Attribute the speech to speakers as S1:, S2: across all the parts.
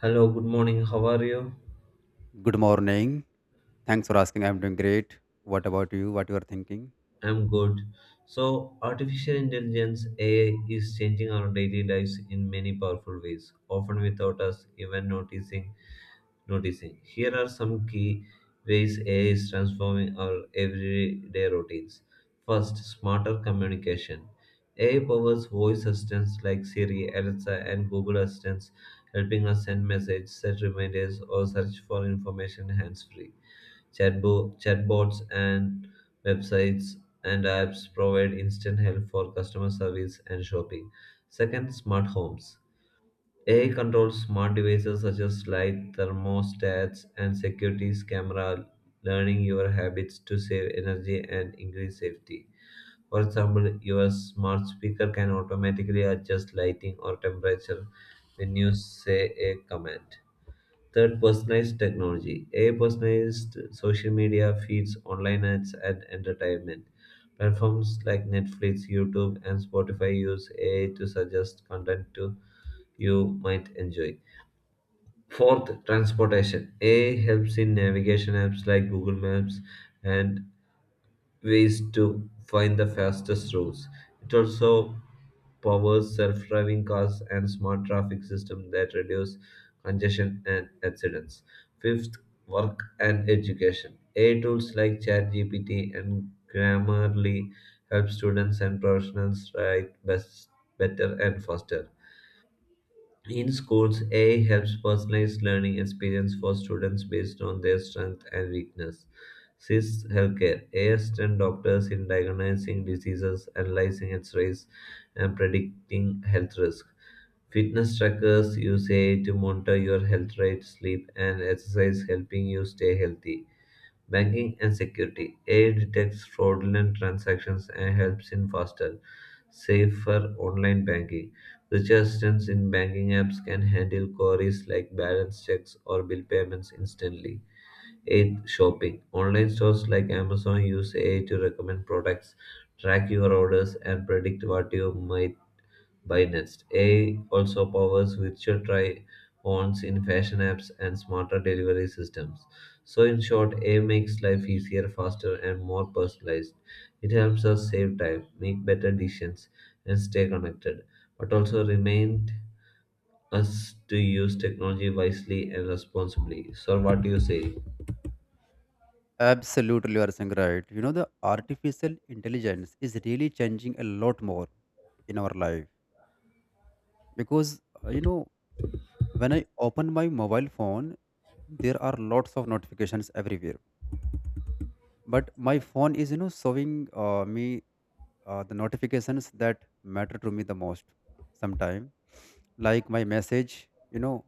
S1: Hello, good morning. How are you?
S2: Good morning. Thanks for asking. I'm doing great. What about you? What you are thinking?
S1: I'm good. So, artificial intelligence AI is changing our daily lives in many powerful ways, often without us even noticing. Here are some key ways AI is transforming our everyday routines. First, smarter communication. AI powers voice assistants like Siri, Alexa, and Google assistants, helping us send messages, set reminders, or search for information hands-free. Chatbots and websites and apps provide instant help for customer service and shopping. Second, smart homes. AI controls smart devices such as light, thermostats, and securities camera, learning your habits to save energy and increase safety. For example, your smart speaker can automatically adjust lighting or temperature when you say a command. Third, personalized technology. AI personalized social media feeds, online ads, and entertainment. Platforms like Netflix, YouTube, and Spotify use AI to suggest content to you might enjoy. Fourth, transportation. AI helps in navigation apps like Google Maps and ways to find the fastest routes. It also powers self-driving cars and smart traffic systems that reduce congestion and accidents. Fifth, work and education. AI tools like ChatGPT and Grammarly help students and professionals write best, better and faster. In schools, AI helps personalize learning experience for students based on their strength and weakness. 6. Healthcare. AI assists doctors in diagnosing diseases, analyzing X-rays, and predicting health risk. Fitness trackers use AI to monitor your health rate, sleep, and exercise, helping you stay healthy. Banking and security. AI detects fraudulent transactions and helps in faster, safer online banking. Which assistance in banking apps can handle queries like balance checks or bill payments instantly. 8. Shopping. Online stores like Amazon use AI to recommend products, track your orders, and predict what you might by Nest. AI also powers virtual try ons in fashion apps and smarter delivery systems. So, in short, AI makes life easier, faster, and more personalized. It helps us save time, make better decisions, and stay connected, but also remind us to use technology wisely and responsibly. So, what do you say?
S2: Absolutely, you are saying right. You know, the artificial intelligence is really changing a lot more in our life because you know when I open my mobile phone, there are lots of notifications everywhere. But my phone is you know showing me the notifications that matter to me the most sometime, like my message you know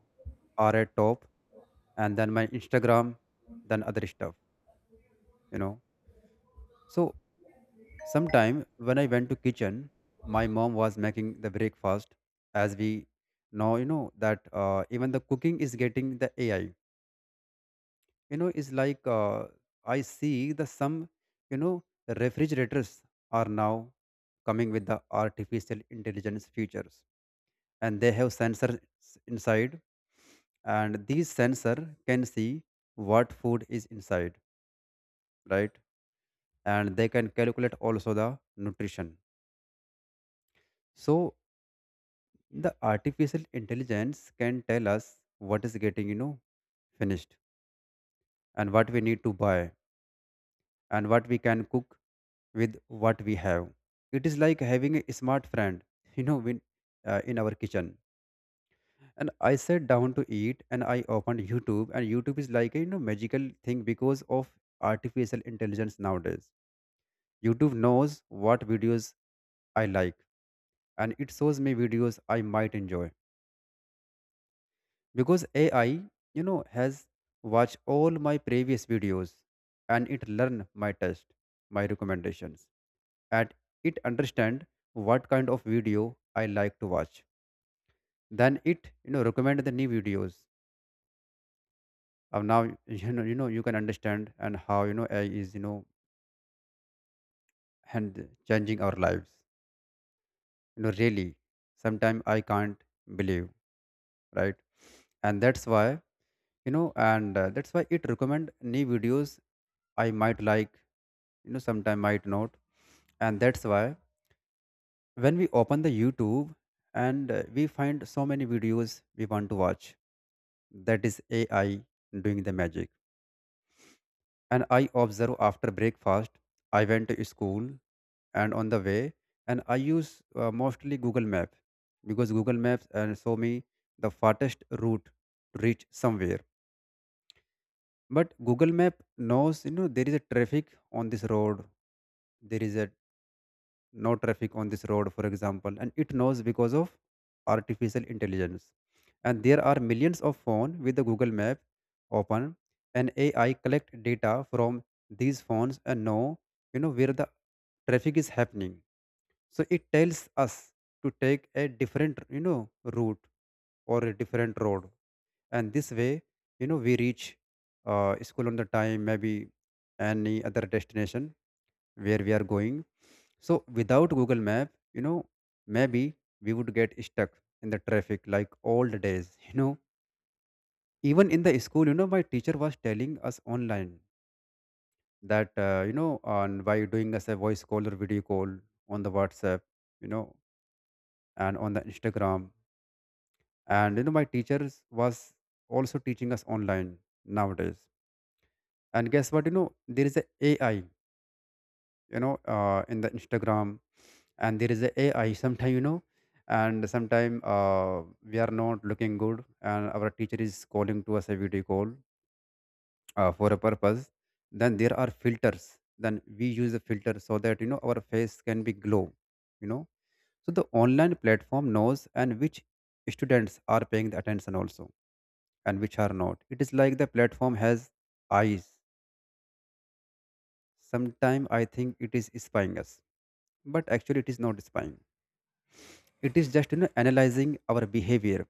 S2: are at top, and then my Instagram, then other stuff, you know. So sometime when I went to kitchen, my mom was making the breakfast. As we know, you know that even the cooking is getting the AI, you know, is like I see the some you know refrigerators are now coming with the artificial intelligence features, and they have sensors inside, and these sensor can see what food is inside, right, and they can calculate also the nutrition. So the artificial intelligence can tell us what is getting you know finished, and what we need to buy, and what we can cook with what we have. It is like having a smart friend you know when, in our kitchen. And I sat down to eat and I opened YouTube, and YouTube is like a you know magical thing because of artificial intelligence nowadays. YouTube knows what videos I like, and it shows me videos I might enjoy because AI you know has watched all my previous videos, and it learn my taste, my recommendations, and it understand what kind of video I like to watch. Then it you know recommend the new videos. Now you know you know you can understand and how you know AI is you know hand changing our lives, you know, really. Sometimes I can't believe, right? And that's why you know and that's why it recommend new videos I might like, you know, sometime might not. And that's why when we open the YouTube and we find so many videos we want to watch, that is AI doing the magic. And I observe after breakfast. I went to school, and on the way, and I use mostly Google Map, because Google Maps and show me the fastest route to reach somewhere. But Google Map knows, you know, there is a traffic on this road. There is a no traffic on this road for example, and it knows because of artificial intelligence. And there are millions of phones with the Google Map open, and AI collect data from these phones and know you know where the traffic is happening. So it tells us to take a different you know route or a different road, and this way you know we reach school on the time, maybe any other destination where we are going. So without Google Map, you know, maybe we would get stuck in the traffic like old days. You know, even in the school, you know, my teacher was telling us online that you know, on by doing us a voice call or video call on the WhatsApp, you know, and on the Instagram, and you know, my teachers was also teaching us online nowadays. And guess what? You know, there is a AI you know in the Instagram, and there is a AI sometime you know, and sometime we are not looking good and our teacher is calling to us a video call for a purpose. Then there are filters, then we use the filter so that you know our face can be glow, you know. So the online platform knows and which students are paying the attention also and which are not. It is like the platform has eyes. Sometime I think it is spying us, but actually it is not spying. It is just you know analyzing our behavior.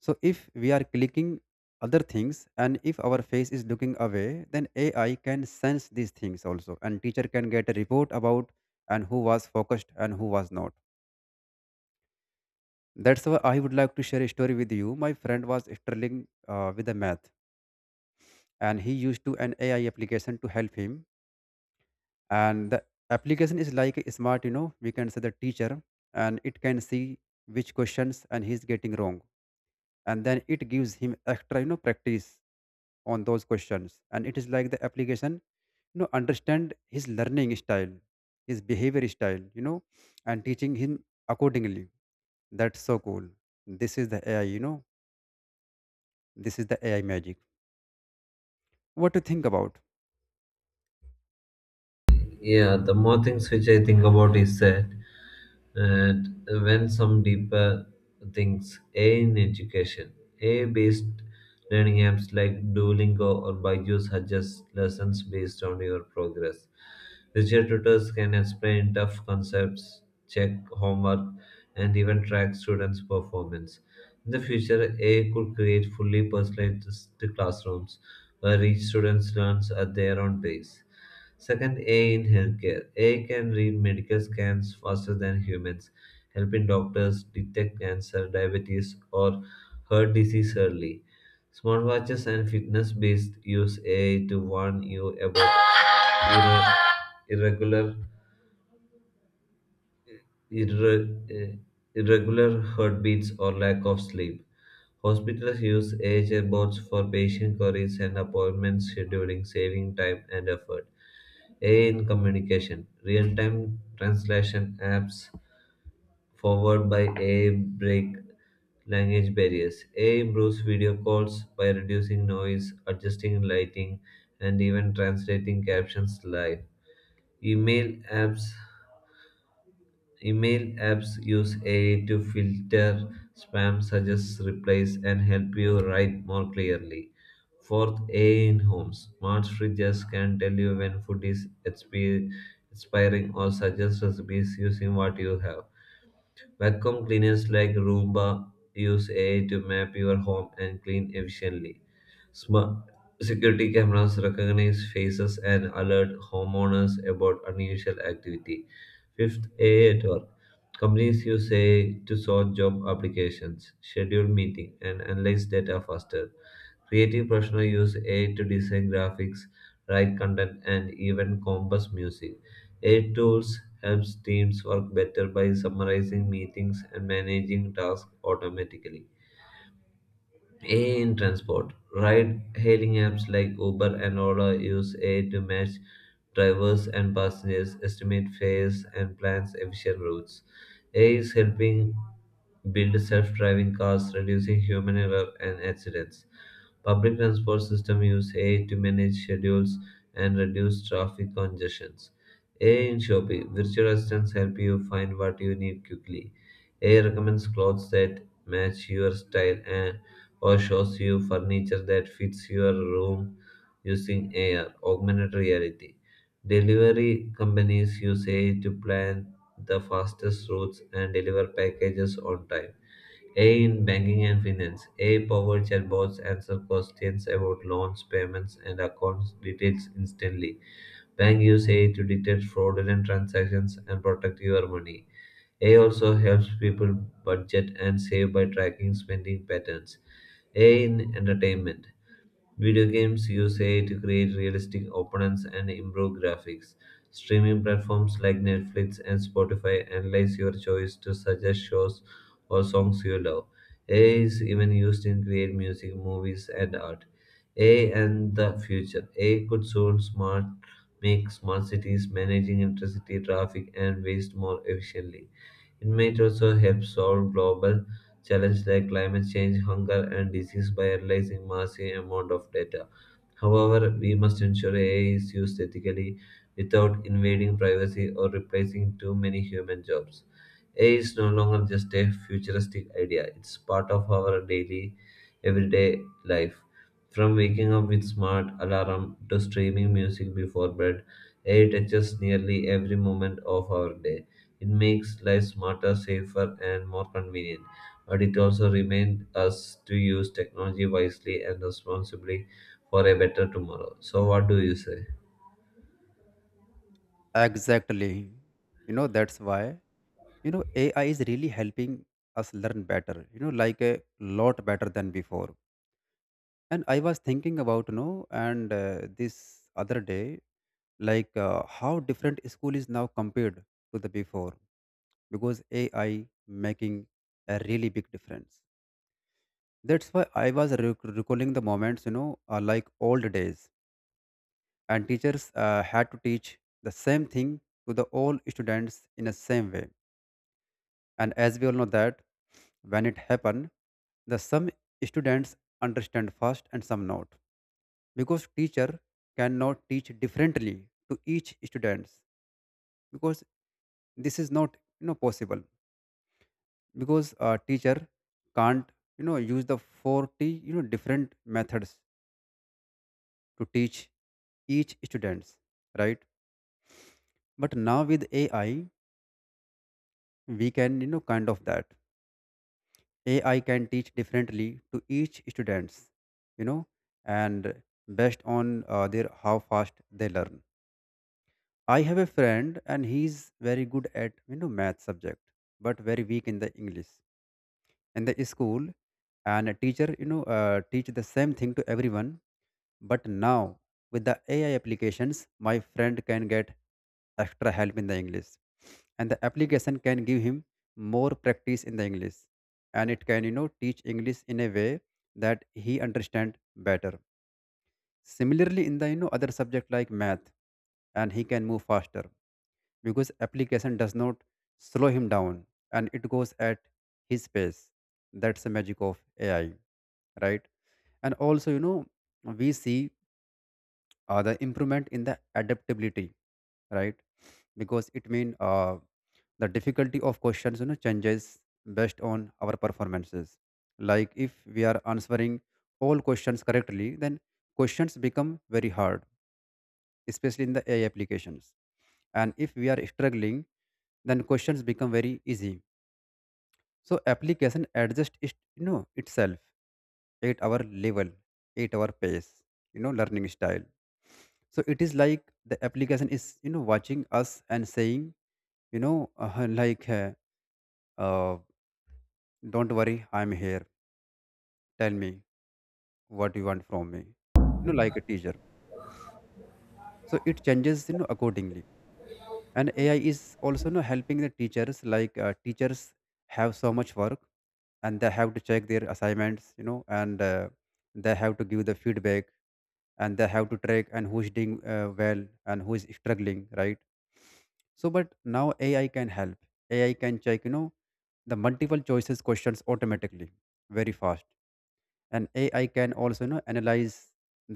S2: So if we are clicking other things, and if our face is looking away, then AI can sense these things also, and teacher can get a report about and who was focused and who was not. That's why I would like to share a story with you. My friend was struggling with the math, and he used to an AI application to help him. And the application is like a smart you know we can say the teacher, and it can see which questions and he's getting wrong, and then it gives him extra you know practice on those questions. And it is like the application you know understand his learning style, his behavior style, you know, and teaching him accordingly. That's so cool. This is the AI, you know, this is the AI magic. What to think about?
S1: Yeah, the more things which I think about is that and when some deeper things a in education a based learning apps like Duolingo or Byju's suggest lessons based on your progress Richer tutors can explain tough concepts, check homework, and even track students' performance. In the future, a could create fully personalized classrooms where each student learns at their own pace. Second, AI in healthcare. AI can read medical scans faster than humans, helping doctors detect cancer, diabetes, or heart disease early. Smartwatches and fitness based use AI to warn you about irre- irregular, irre- uh, irregular heartbeats or lack of sleep. Hospitals use AI chatbots for patient queries and appointment scheduling, saving time and effort. AI in communication, real-time translation apps forward by AI break language barriers. AI improves video calls by reducing noise, adjusting lighting, and even translating captions live. Email apps Email apps use AI to filter spam, suggest replies, and help you write more clearly. Fourth, AI in homes. Smart fridges can tell you when food is expiring or suggest recipes using what you have. Vacuum cleaners like Roomba use AI to map your home and clean efficiently. Smart security cameras recognize faces and alert homeowners about unusual activity. Fifth, AI at work. Companies use AI to sort job applications, schedule meeting, and analyze data faster. Creative professionals use AI to design graphics, write content, and even compose music. AI tools helps teams work better by summarizing meetings and managing tasks automatically. AI in transport. Ride-hailing apps like Uber and Ola use AI to match drivers and passengers, estimate fares, and plans efficient routes. AI is helping build self-driving cars, reducing human error and accidents. Public transport system use AI to manage schedules and reduce traffic congestions. AI in shopping, virtual assistants help you find what you need quickly. AI recommends clothes that match your style and or shows you furniture that fits your room using AR, augmented reality. Delivery companies use AI to plan the fastest routes and deliver packages on time. A in banking and finance. A powered chatbots answer questions about loans, payments, and accounts details instantly. Bank use AI to detect fraudulent transactions and protect your money. A also helps people budget and save by tracking spending patterns. A in entertainment. Video games use AI to create realistic opponents and improve graphics. Streaming platforms like Netflix and Spotify analyze your choice to suggest shows or songs you love. AI is even used in create music, movies, and art. AI and the future. AI could soon smart make smart cities managing electricity, traffic, and waste more efficiently. It might also help solve global challenges like climate change, hunger, and disease by analyzing massive amounts of data. However, we must ensure AI is used ethically without invading privacy or replacing too many human jobs. AI is no longer just a futuristic idea, it's part of our daily, everyday life. From waking up with smart alarm to streaming music before bed, AI touches nearly every moment of our day. It makes life smarter, safer, and more convenient, but it also reminds us to use technology wisely and responsibly for a better tomorrow. So, what do you say?
S2: Exactly, you know, that's why you know AI is really helping us learn better, you know, like a lot better than before. And I was thinking about, you know, and this other day, like how different school is now compared to the before, because AI making a really big difference. That's why I was recalling the moments, you know, like old days. And teachers had to teach the same thing to the all students in the same way. And as we all know that when it happened, the some students understand fast and some not, because teacher cannot teach differently to each students, because this is not you know possible, because a teacher can't you know use the 40 you know different methods to teach each students, right? But now with AI we can you know kind of that. AI can teach differently to each students, you know, and based on their how fast they learn. I have a friend and he's very good at you know math subject, but very weak in the English in the school. And a teacher you know teach the same thing to everyone. But now with the AI applications my friend can get extra help in the English, and the application can give him more practice in the English, and it can you know teach English in a way that he understand better. Similarly in the you know other subject like math, and he can move faster because application does not slow him down, and it goes at his pace. That's the magic of AI, right? And also, you know, we see the improvement in the adaptability, right? Because it means the difficulty of questions, you know, changes based on our performances. Like if we are answering all questions correctly, then questions become very hard, especially in the AI applications. And if we are struggling, then questions become very easy. So application adjusts it, you know itself, at our level, at our pace, you know, learning style. So it is like the application is you know watching us and saying, you know, like, uh, don't worry, I'm here. Tell me what you want from me. You know, like a teacher. So it changes you know accordingly. And AI is also now helping the teachers, like teachers have so much work, and they have to check their assignments you know and they have to give the feedback, and they have to track and who's doing well and who is struggling, right? So but now AI can help. AI can check you know the multiple choices questions automatically, very fast. And AI can also you know analyze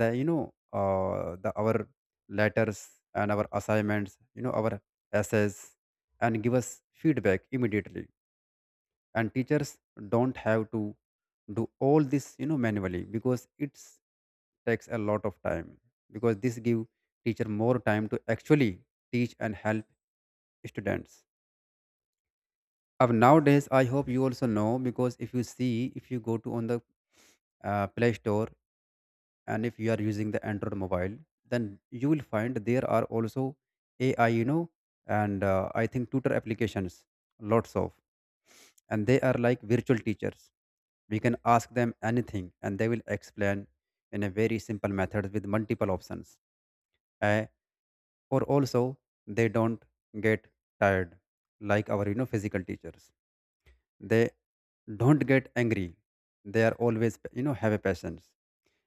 S2: the you know the our letters and our assignments, you know, our essays, and give us feedback immediately. And teachers don't have to do all this you know manually, because it's takes a lot of time. Because this give teacher more time to actually teach and help students of nowadays. I hope you also know, because if you see, if you go to on the Play Store, and if you are using the Android mobile, then you will find there are also AI, you know, and I think tutor applications, lots of, and they are like virtual teachers. We can ask them anything and they will explain in a very simple method with multiple options. Eh, or also they don't get tired like our you know physical teachers. They don't get angry. They are always you know have a patience.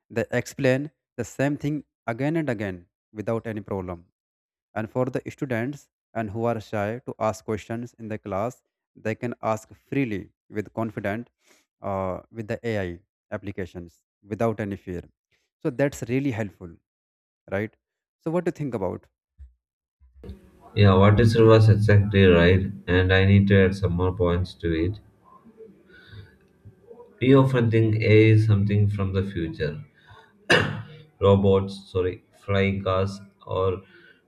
S2: They explain the same thing again and again without any problem. And for the students and who are shy to ask questions in the class, they can ask freely with confident with the AI applications without any fear. So that's really helpful, right? So what do you think about?
S1: Yeah, what is reverse exactly right, and I need to add some more points to it. We often think AI is something from the future robots, sorry, flying cars, or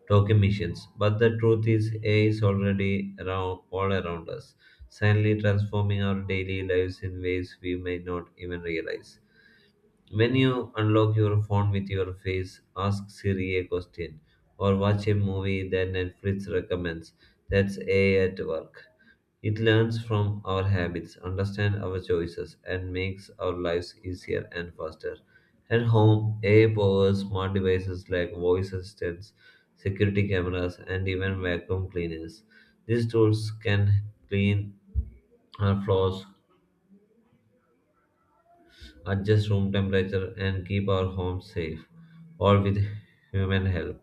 S1: talking machines. But the truth is, AI is already around, all around us, silently transforming our daily lives in ways we may not even realize. When you unlock your phone with your face, ask Siri a question, or watch a movie that Netflix recommends. That's AI at work. It learns from our habits, understands our choices, and makes our lives easier and faster. At home, AI powers smart devices like voice assistants, security cameras, and even vacuum cleaners. These tools can clean our floors, adjust room temperature, and keep our homes safe, all with human help.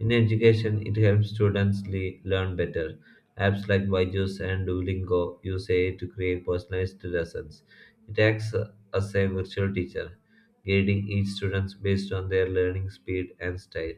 S1: In education, it helps students learn better. Apps like Byju's and Duolingo use AI to create personalized lessons. It acts as a virtual teacher, guiding each student based on their learning speed and style.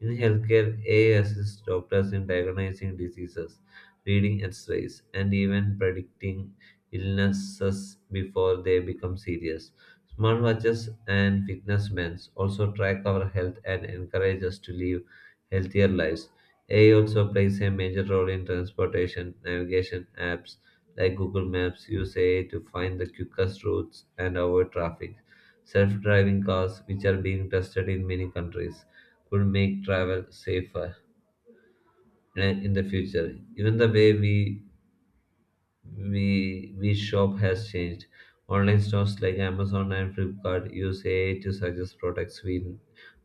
S1: In healthcare, AI assists doctors in diagnosing diseases, reading x rays, and even predicting illnesses before they become serious. Smartwatches and fitness bands also track our health and encourage us to live healthier lives. AI also plays a major role in transportation, navigation apps like Google Maps use AI to find the quickest routes and avoid traffic. Self driving cars, which are being tested in many countries, could make travel safer in the future. Even the way we shop has changed. Online stores like Amazon and Flipkart use AI to suggest products we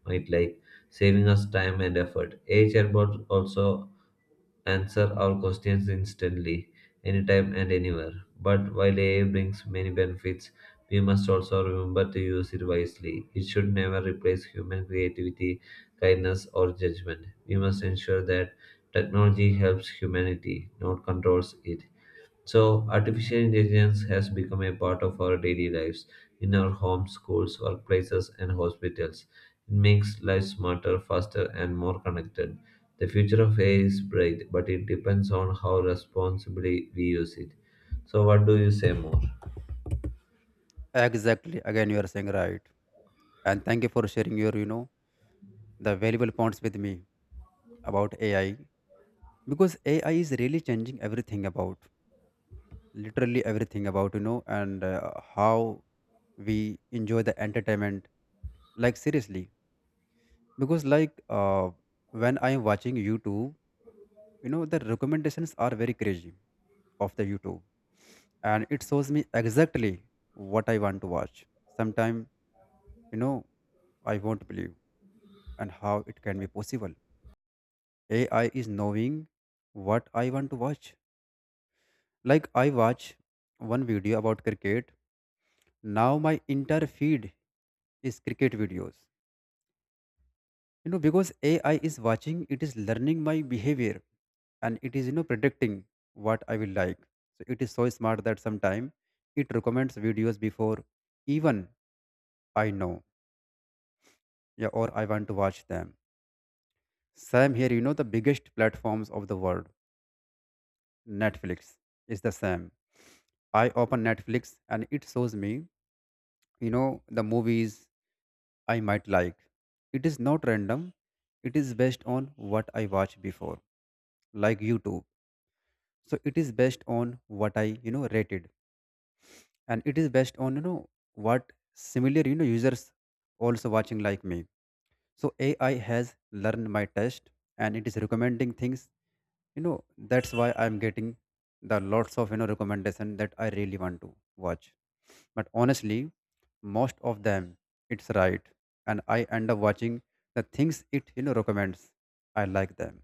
S1: might like, saving us time and effort. AI chatbot also answer our questions instantly, anytime and anywhere. But while AI brings many benefits, we must also remember to use it wisely. It should never replace human creativity, kindness, or judgment. We must ensure that technology helps humanity, not controls it. So, artificial intelligence has become a part of our daily lives in our homes, schools, workplaces, and hospitals. It makes life smarter, faster, and more connected. The future of AI is bright, but it depends on how responsibly we use it. So, what do you say more?
S2: Exactly. Again, you are saying right. And thank you for sharing your, the valuable points with me about AI, because AI is really changing everything about literally everything about you know and how we enjoy the entertainment, like seriously, because when I am watching YouTube, the recommendations are very crazy of the YouTube, and it shows me exactly what I want to watch. Sometimes, you know I won't believe and how it can be possible. AI is knowing what I want to watch. Like I watch one video about cricket, now my entire feed is cricket videos, you know, because AI is watching, it is learning my behavior, and it is, predicting what I will like. So it is so smart that sometimes it recommends videos before even I know, yeah, or I want to watch them. Same here, you know, the biggest platforms of the world, Netflix is the same. I open Netflix and it shows me, you know the movies I might like. It is not random, it is based on what I watched before, like YouTube. So it is based on what I, rated, and it is based on what similar users also watching like me. So AI has learned my taste and it is recommending things, that's why I'm getting the lots of recommendation that I really want to watch. But honestly, most of them, it's right, and I end up watching the things it, recommends. I like them.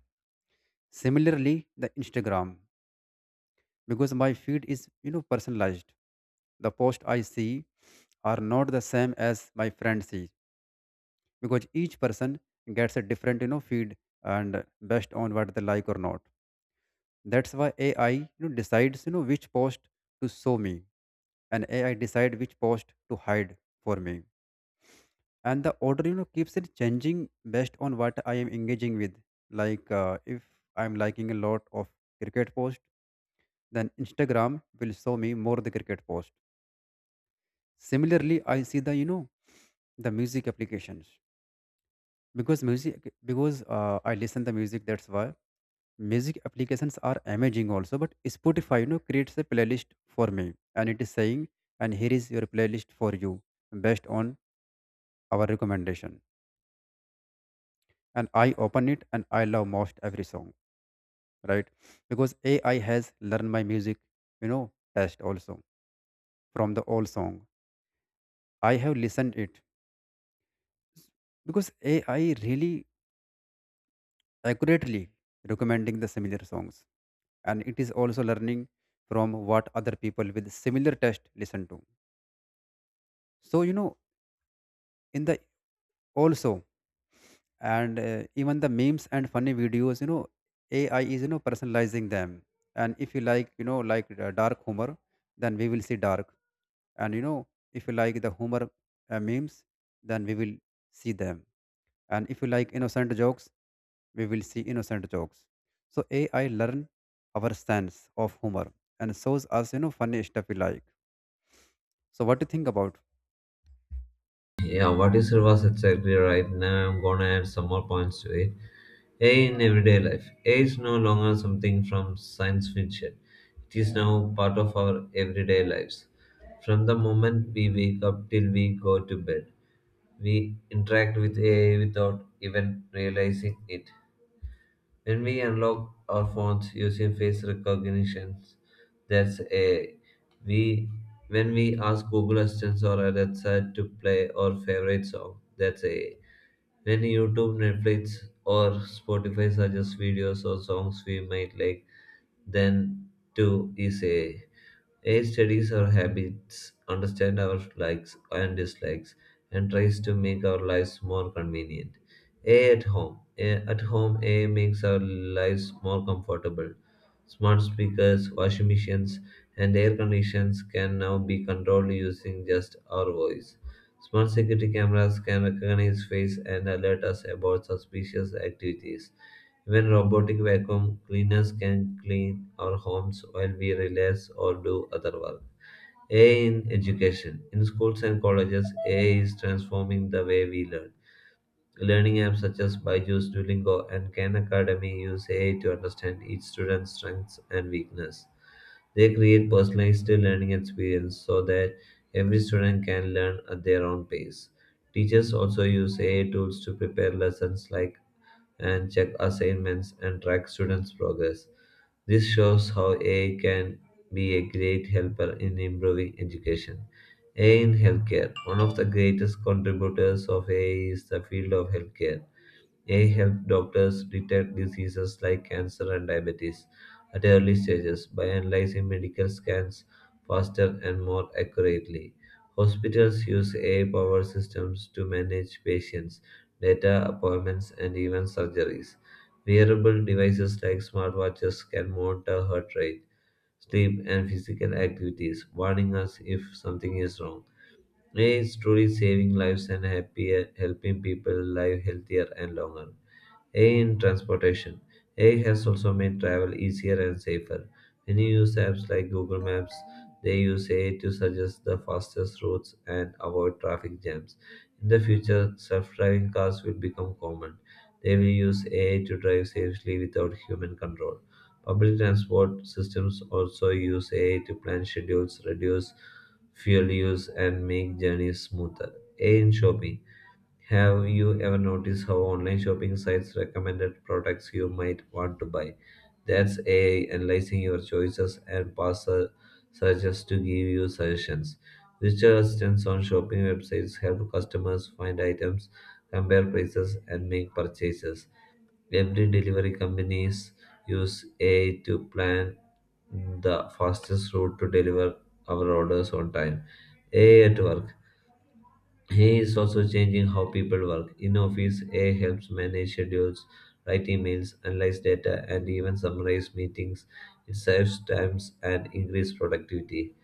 S2: Similarly, the Instagram, because my feed is, personalized. The post I see are not the same as my friend sees, because each person gets a different, feed, and based on what they like or not. That's why AI, decides, which post to show me, and AI decide which post to hide for me. And the order, keeps it changing based on what I am engaging with. If I'm liking a lot of cricket post, then Instagram will show me more the cricket post. Similarly, I see the, the music applications, because music, because I listen the music. That's why music applications are amazing also. But Spotify, creates a playlist for me, and it is saying, and here is your playlist for you based on our recommendation. And I open it and I love most every song, right? Because AI has learned my music, you know, taste also from the old song I have listened it. Because AI really accurately recommending the similar songs, and it is also learning from what other people with similar taste listen to. So, you know, in the also. And Even the memes and funny videos, you know, AI is, personalizing them. And if you like, dark humor, then we will see dark. And, you know, if you like the humor, memes, then we will see them. And if you like innocent jokes, we will see innocent jokes. So AI learn our sense of humor and shows us, you know, funny stuff we like. So what do you think about?
S1: Yeah, what is was exactly right. Now I'm gonna add some more points to it. AI in everyday life. AI is no longer something from science fiction. It is now part of our everyday lives. From the moment we wake up till we go to bed, we interact with AI without even realizing it. When we unlock our phones using face recognition, that's AI. We when we ask Google Assistant or Alexa to play our favorite song, that's AI. When YouTube, Netflix, or Spotify suggests videos or songs we might like, then to is AI. Studies our habits, understand our likes and dislikes, and tries to make our lives more convenient. A at home. A makes our lives more comfortable. Smart speakers, washing machines, and air conditions can now be controlled using just our voice. Smart security cameras can recognize face and alert us about suspicious activities. Even robotic vacuum cleaners can clean our homes while we relax or do other work. AI in education. In schools and colleges, AI is transforming the way we learn. Learning apps such as Byju's, Duolingo, and Khan Academy use AI to understand each student's strengths and weakness. They create personalized learning experience so that every student can learn at their own pace. Teachers also use AI tools to prepare lessons like and check assignments and track students' progress. This shows how AI can be a great helper in improving education. AI in healthcare. One of the greatest contributors of AI is the field of healthcare. AI helps doctors detect diseases like cancer and diabetes at early stages by analyzing medical scans faster and more accurately. Hospitals use AI powered systems to manage patients, data, appointments, and even surgeries. Wearable devices like smartwatches can monitor heart rate, sleep, and physical activities, warning us if something is wrong. A is truly saving lives and happier, helping people live healthier and longer. A in transportation. A has also made travel easier and safer. Many use apps like Google Maps. They use A to suggest the fastest routes and avoid traffic jams. In the future, self-driving cars will become common. They will use AI to drive safely without human control. Public transport systems also use AI to plan schedules, reduce fuel use, and make journeys smoother. AI in shopping. Have you ever noticed how online shopping sites recommended products you might want to buy? That's AI analyzing your choices and past searches to give you suggestions. Richer assistants on shopping websites help customers find items, compare prices, and make purchases. Every delivery companies use AI to plan the fastest route to deliver our orders on time. AI at work. He is also changing how people work. In office, AI helps manage schedules, write emails, analyze data, and even summarize meetings. It saves time and increases productivity.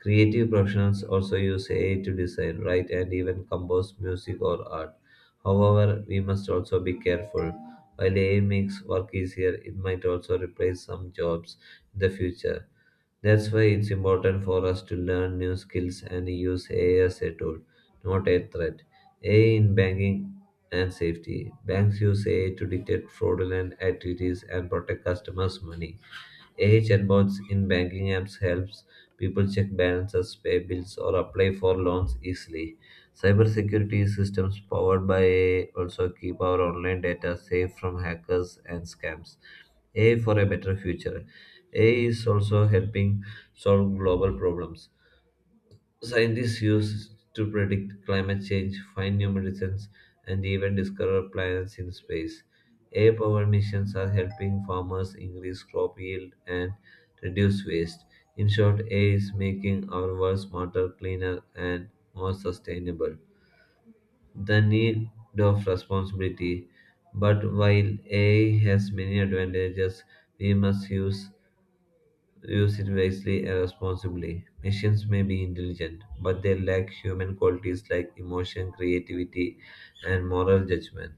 S1: Creative professionals also use AI to design, write, and even compose music or art. However, we must also be careful. While AI makes work easier, it might also replace some jobs in the future. That's why it's important for us to learn new skills and use AI as a tool, not a threat. AI in banking and safety. Banks use AI to detect fraudulent activities and protect customers' money. AI chatbots in banking apps helps people check balances, pay bills, or apply for loans easily. Cybersecurity systems powered by AI also keep our online data safe from hackers and scams. AI for a better future. AI is also helping solve global problems. Scientists use to predict climate change, find new medicines, and even discover planets in space. AI powered missions are helping farmers increase crop yield and reduce waste. In short, AI is making our world smarter, cleaner, and more sustainable. The need of responsibility. But while AI has many advantages, we must use it wisely and responsibly. Machines may be intelligent, but they lack human qualities like emotion, creativity, and moral judgment.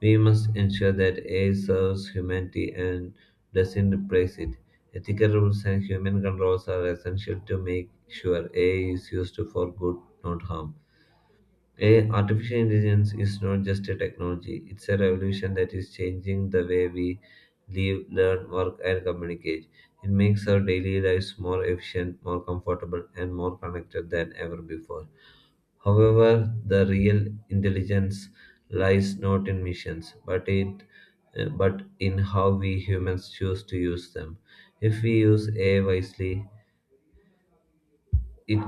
S1: We must ensure that AI serves humanity and doesn't replace it. Ethical rules and human controls are essential to make sure AI is used for good, not harm. A artificial intelligence is not just a technology, it's a revolution that is changing the way we live, learn, work, and communicate. It makes our daily lives more efficient, more comfortable, and more connected than ever before. However, the real intelligence lies not in missions, but in how we humans choose to use them. If we use AI wisely, it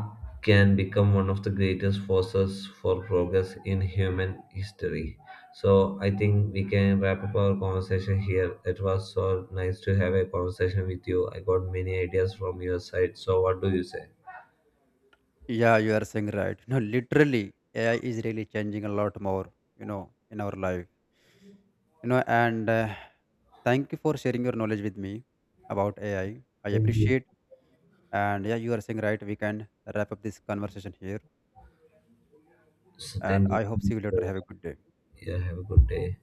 S1: can become one of the greatest forces for progress in human history. So I think we can wrap up our conversation here. It was so nice to have a conversation with you. I got many ideas from your side. So what do you say?
S2: Yeah, you are saying right. You know, literally AI is really changing a lot more, you know, in our life. You know, and Thank you for sharing your knowledge with me about AI. I
S1: Thank you.
S2: appreciate. And yeah, you are saying right. We can wrap up this conversation here.
S1: So
S2: And
S1: thank you.
S2: I hope see you later. Have a good day.
S1: Yeah, have a good day.